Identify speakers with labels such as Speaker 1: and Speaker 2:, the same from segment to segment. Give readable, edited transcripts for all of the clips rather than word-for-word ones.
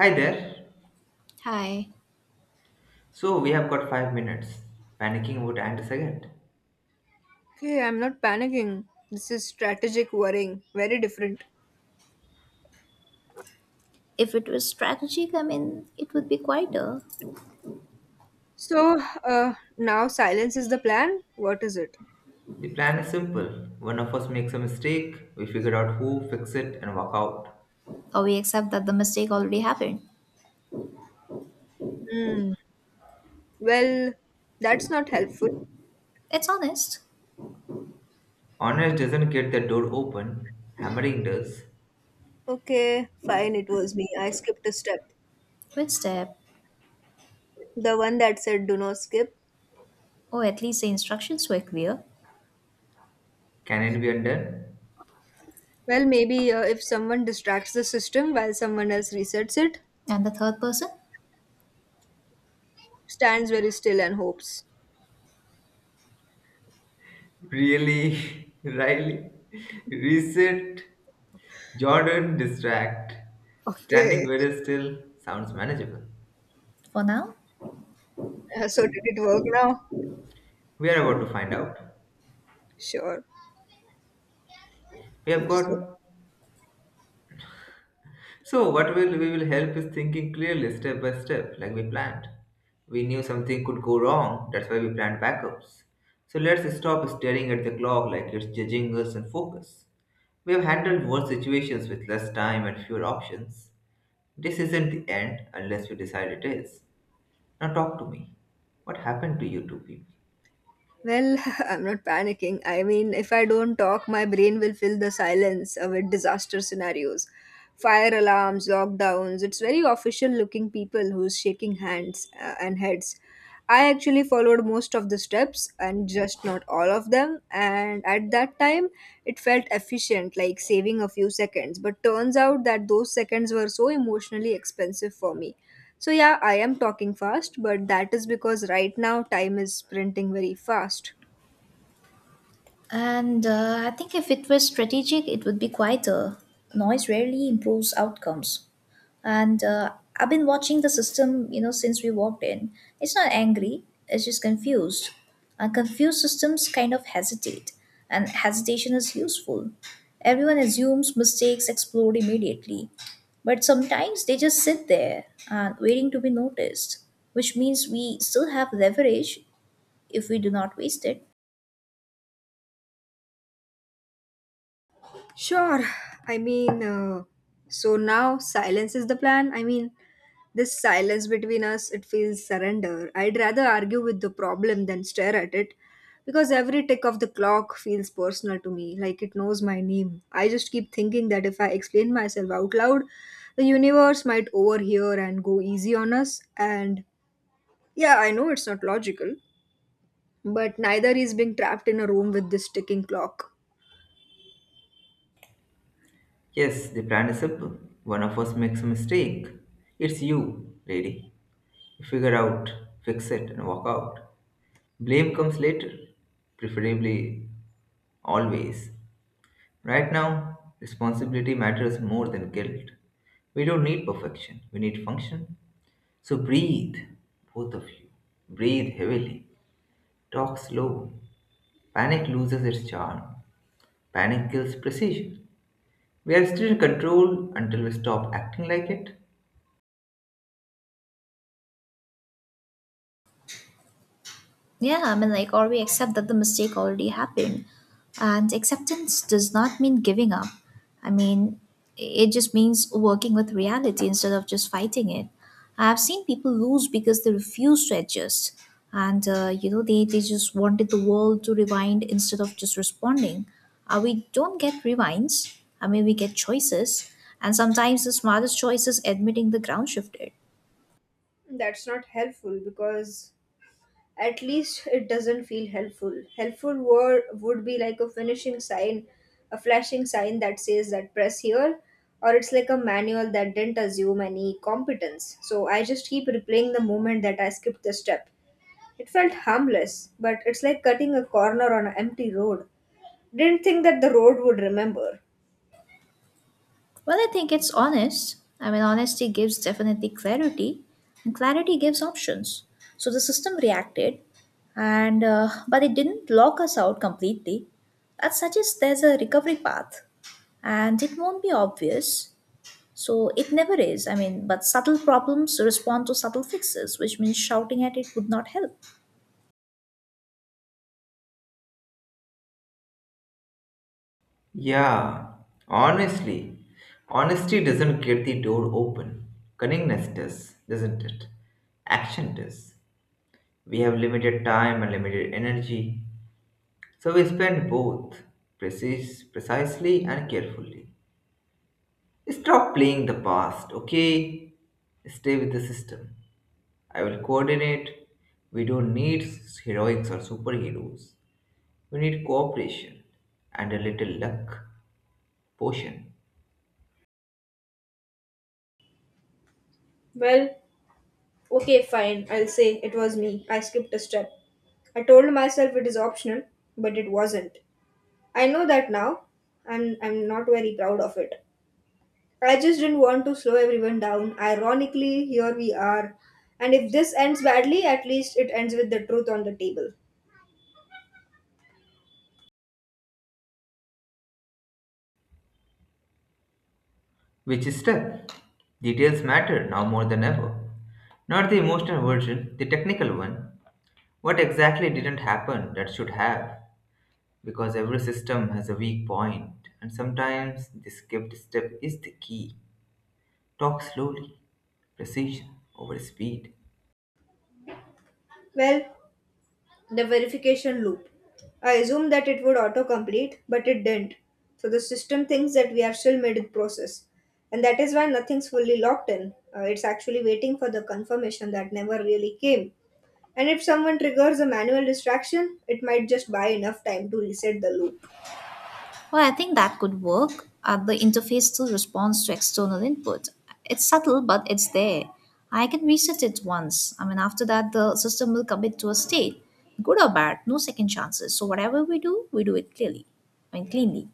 Speaker 1: Hi there.
Speaker 2: Hi.
Speaker 1: So we have got 5 minutes. Panicking about end a second.
Speaker 3: Okay, I'm not panicking. This is strategic worrying. Very different.
Speaker 2: If it was strategic, I mean, it would be quieter.
Speaker 3: Now silence is the plan? What is it?
Speaker 1: The plan is simple. One of us makes a mistake, we figure out who, fix it, and walk out.
Speaker 2: Or we accept that the mistake already happened.
Speaker 3: Hmm. Well, that's not helpful.
Speaker 2: It's honest.
Speaker 1: Honest doesn't get the door open, hammering does.
Speaker 3: Okay, fine, it was me. I skipped a step.
Speaker 2: Which step?
Speaker 3: The one that said do not skip.
Speaker 2: Or at least the instructions were clear.
Speaker 1: Can it be undone?
Speaker 3: Well, maybe if someone distracts the system while someone else resets it,
Speaker 2: And the third person?
Speaker 3: stands very still and hopes.
Speaker 1: Really? Riley? Reset? Jordan, distract. Standing
Speaker 3: Okay.
Speaker 1: very still sounds manageable.
Speaker 2: For now?
Speaker 3: Did it work now?
Speaker 1: We are about to find out.
Speaker 3: Sure.
Speaker 1: We have
Speaker 3: So.
Speaker 1: got. So what will we will help is thinking clearly step by step, like we planned. We knew something could go wrong, that's why we planned backups. So let's stop staring at the clock like it's judging us and focus. We have handled worse situations with less time and fewer options. This isn't the end unless we decide it is. Now talk to me. What happened to you two people?
Speaker 3: Well, I'm not panicking. I mean, if I don't talk, my brain will fill the silence with disaster scenarios. Fire alarms, lockdowns. It's very official looking people who's shaking hands and heads. I actually followed most of the steps and just not all of them. And at that time, it felt efficient, like saving a few seconds. But turns out that those seconds were so emotionally expensive for me. So, yeah, I am talking fast, but that is because right now time is sprinting very fast.
Speaker 2: And I think if it was strategic, it would be quieter. Noise rarely improves outcomes. And I've been watching the system, you know, since we walked in. It's not angry, it's just confused. Confused systems kind of hesitate, and hesitation is useful. Everyone assumes mistakes explode immediately, but sometimes they just sit there and waiting to be noticed, which means we still have leverage if we do not waste it.
Speaker 3: Sure, I mean, so now silence is the plan. I mean, this silence between us, it feels surrender. I'd rather argue with the problem than stare at it because every tick of the clock feels personal to me, like it knows my name. I just keep thinking that if I explain myself out loud, the universe might overhear and go easy on us. And yeah, I know it's not logical, but neither is being trapped in a room with this ticking clock.
Speaker 1: Yes, the plan is simple. One of us makes a mistake. It's you, lady. You figure out, fix it, and walk out. Blame comes later, preferably always. Right now, responsibility matters more than guilt. We don't need perfection, we need function. So breathe, both of you. Breathe heavily. Talk slow. Panic loses its charm. Panic kills precision. We are still in control until we stop acting like it.
Speaker 2: Yeah, I mean, like, or we accept that the mistake already happened. And acceptance does not mean giving up. I mean, it just means working with reality instead of just fighting it. I've seen people lose because they refuse to adjust. And, you know, they just wanted the world to rewind instead of just responding. We don't get rewinds. I mean, we get choices. And sometimes the smartest choice is admitting the ground shifted.
Speaker 3: That's not helpful because at least it doesn't feel helpful. Helpful word would be like a finishing sign, a flashing sign that says that press here, or it's like a manual that didn't assume any competence. So I just keep replaying the moment that I skipped the step. It felt harmless, but it's like cutting a corner on an empty road. Didn't think that the road would remember.
Speaker 2: Well, I think it's honest. I mean, honesty gives definitely clarity, and clarity gives options. So the system reacted, and but it didn't lock us out completely. That suggests there's a recovery path, and it won't be obvious. So it never is. I mean, but subtle problems respond to subtle fixes, which means shouting at it would not help.
Speaker 1: Yeah, honestly, honesty doesn't get the door open. Cunningness does, doesn't it? Action does. We have limited time and limited energy, so we spend both precisely and carefully. Stop playing the past, okay? Stay with the system. I will coordinate. We don't need heroics or superheroes. We need cooperation and a little luck potion.
Speaker 3: Well, okay, fine, I'll say it was me. I skipped a step. I told myself it is optional, but it wasn't. I know that now, and I'm not very proud of it. I just didn't want to slow everyone down. Ironically, here we are. And if this ends badly, at least it ends with the truth on the table.
Speaker 1: Which step? Details matter now more than ever. Not the emotional version, the technical one. What exactly didn't happen that should have? Because every system has a weak point, and sometimes the skipped step is the key. Talk slowly, precision over speed.
Speaker 3: Well, the verification loop. I assumed that it would autocomplete, but it didn't. So the system thinks that we are still mid process. And that is why nothing's fully locked in. It's actually waiting for the confirmation that never really came. And if someone triggers a manual distraction, it might just buy enough time to reset the loop.
Speaker 2: Well, I think that could work. The interface still responds to external input. It's subtle, but it's there. I can reset it once. I mean, after that, the system will commit to a state, good or bad, no second chances. So whatever we do it clearly, I mean, cleanly.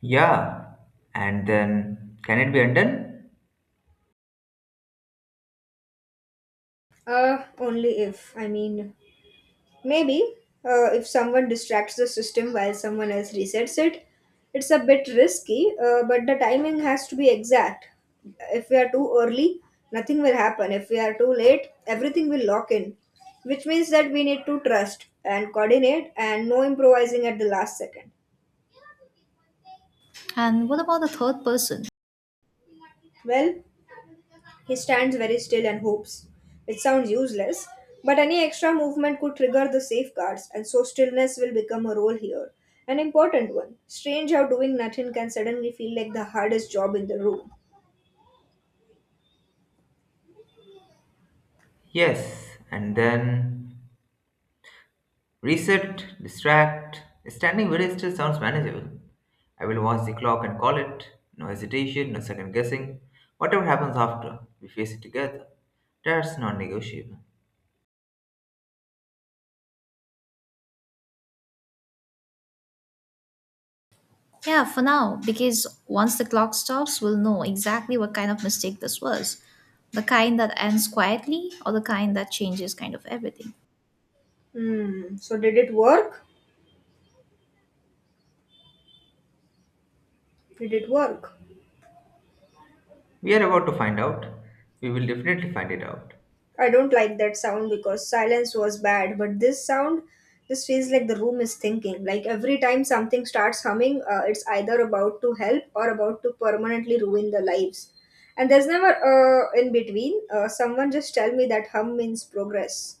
Speaker 1: Yeah, and then can it be undone?
Speaker 3: Only if. I mean, maybe if someone distracts the system while someone else resets it, it's a bit risky, but the timing has to be exact. If we are too early, nothing will happen. If we are too late, everything will lock in, which means that we need to trust and coordinate and no improvising at the last second.
Speaker 2: And what about the third person?
Speaker 3: Well, he stands very still and hopes. It sounds useless, but any extra movement could trigger the safeguards, and so stillness will become a role here. An important one. Strange how doing nothing can suddenly feel like the hardest job in the room.
Speaker 1: Yes, and then reset, distract. Standing very still sounds manageable. I will watch the clock and call it. No hesitation, no second guessing. Whatever happens after, we face it together. That's non negotiable.
Speaker 2: Yeah, for now, because once the clock stops, we'll know exactly what kind of mistake this was. The kind that ends quietly or the kind that changes kind of everything.
Speaker 3: Hmm, so did it work? Did it work?
Speaker 1: We are about to find out. We will definitely find it out.
Speaker 3: I don't like that sound because silence was bad, but this sound, this feels like the room is thinking. Like every time something starts humming, it's either about to help or about to permanently ruin the lives. And there's never in between. Someone just tell me that hum means progress.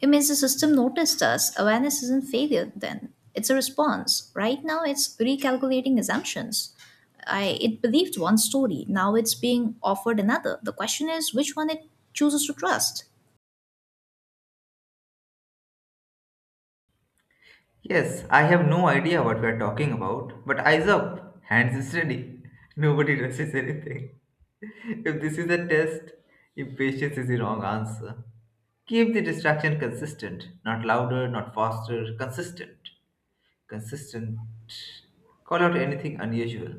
Speaker 2: It means the system noticed us. Awareness isn't failure then. It's a response. Right now it's recalculating assumptions. I it believed one story. Now it's being offered another. The question is which one it chooses to trust.
Speaker 1: Yes, I have no idea what we are talking about, but eyes up, hands steady. Nobody rushes anything. If this is a test, impatience is the wrong answer. Keep the distraction consistent, not louder, not faster, consistent. Consistent. Call out anything unusual,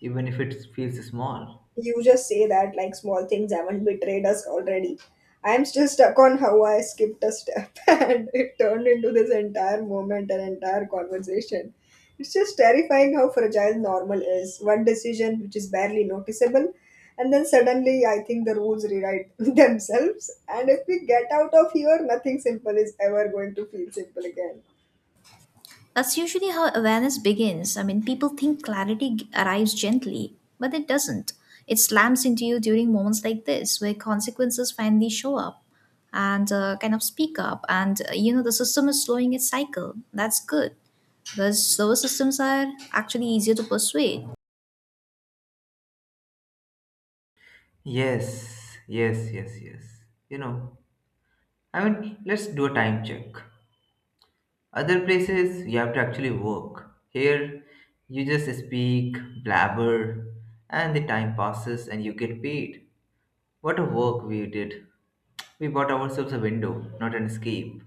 Speaker 1: even if it feels small.
Speaker 3: You just say that like small things haven't betrayed us already. I'm still stuck on how I skipped a step and it turned into this entire moment and entire conversation. It's just terrifying how fragile normal is. One decision which is barely noticeable, and then suddenly I think the rules rewrite themselves. And if we get out of here, nothing simple is ever going to feel simple again.
Speaker 2: That's usually how awareness begins. I mean, people think arrives gently, but it doesn't. It slams into you during moments like this where consequences finally show up and kind of speak up and you know, the system is slowing its cycle. That's good, because those systems are actually easier to persuade.
Speaker 1: Yes, yes, yes, yes. You know, I mean, let's do a time check. Other places you have to actually work. Here you just speak, blabber, and the time passes and you get paid. What a work we did. We bought ourselves a window, not an escape.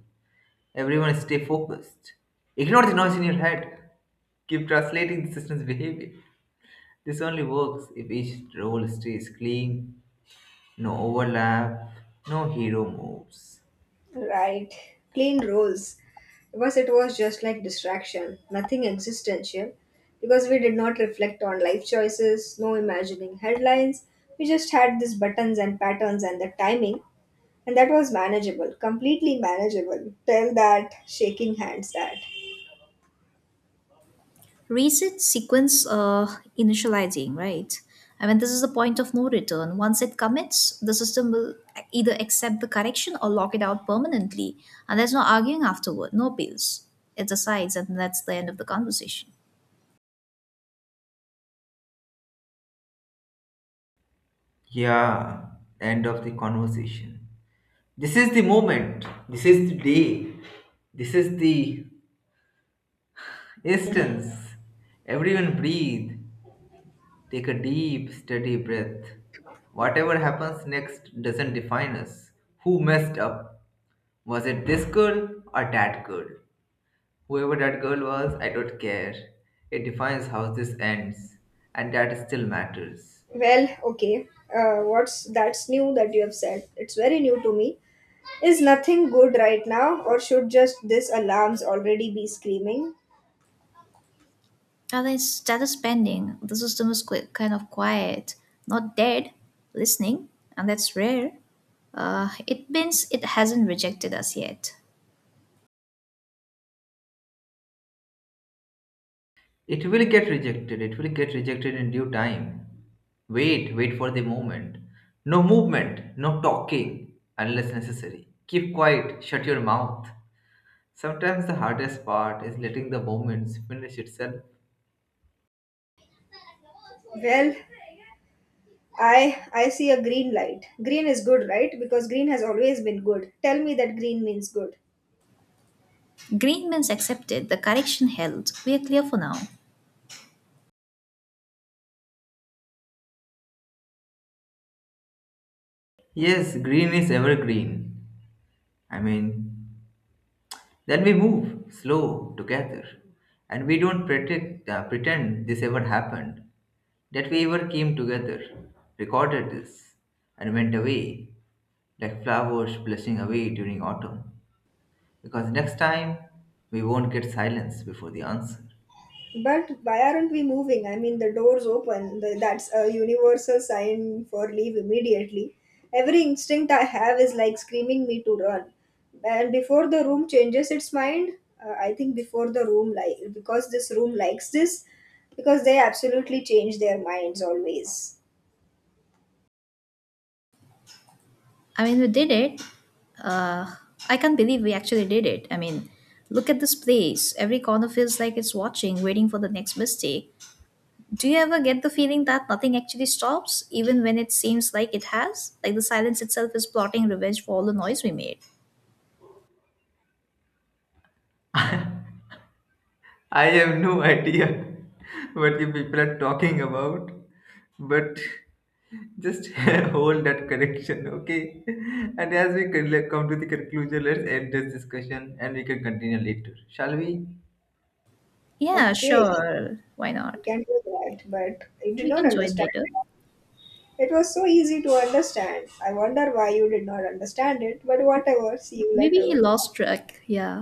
Speaker 1: Everyone stay focused. Ignore the noise in your head. Keep translating the system's behavior. This only works if each role stays clean, no overlap, no hero moves.
Speaker 3: Right. Plain rules. Because it was just like distraction, nothing existential. Because we did not reflect on life choices, no imagining headlines. We just had these buttons and patterns and the timing. And that was manageable, completely manageable. Tell that, shaking hands that.
Speaker 2: Reset sequence initializing, right? I mean, this is the point of no return. Once it commits, the system will either accept the correction or lock it out permanently. And there's no arguing afterward, no appeals. It decides, and that's the end of the conversation.
Speaker 1: Yeah, end of the conversation. This is the moment. This is the day. This is the instance. Everyone breathe. Take a deep, steady breath. Whatever happens next doesn't define us. Who messed up? Was it this girl or that girl? Whoever that girl was, I don't care. It defines how this ends, and that still matters.
Speaker 3: Well, okay. What's that's new that you have said? It's very new to me. Is nothing good right now, or should just this alarms already be screaming?
Speaker 2: And then status pending. The system is kind of quiet, not dead, listening, and that's rare. It means it hasn't rejected us yet.
Speaker 1: It will get rejected. It will get rejected in due time. Wait, wait for the moment. No movement, no talking unless necessary. Keep quiet, shut your mouth. Sometimes the hardest part is letting the moments finish itself.
Speaker 3: Well, I see a green light. Green is good, right? Because green has always been good. Tell me that green means good.
Speaker 2: Green means accepted. The correction held. We are clear for now.
Speaker 1: Yes, green is evergreen. I mean, then we move slow together. And we don't pretend, pretend this ever happened, that we ever came together, recorded this, and went away. Like flowers blushing away during autumn, because next time we won't get silence before the answer.
Speaker 3: But why aren't we moving? I mean, the door's open. The, that's a universal sign for leave immediately. Every instinct I have is like screaming me to run. And before the room changes its mind, I think before the room like because this room likes this, because they absolutely change their minds always.
Speaker 2: I mean, we did it. Uh, I can't believe we actually did it. I mean, look at this place. Every corner feels like it's watching, waiting for the next mistake. Do you ever get the feeling that nothing actually stops, even when it seems like it has? Like the silence itself is plotting revenge for all the noise we made.
Speaker 1: I have no idea what you people are talking about, but just hold that correction, okay? And as we come to the conclusion, let's end this discussion and we can continue later, shall we?
Speaker 2: Yeah,
Speaker 3: Okay,
Speaker 2: sure. Why
Speaker 3: you
Speaker 2: not?
Speaker 3: can do that, but you did
Speaker 2: We
Speaker 3: not
Speaker 2: can join
Speaker 3: understand.
Speaker 2: later.
Speaker 3: It was so easy to understand. I wonder why you did not understand it, but whatever, see you
Speaker 2: Maybe he
Speaker 3: later.
Speaker 2: lost track. Yeah.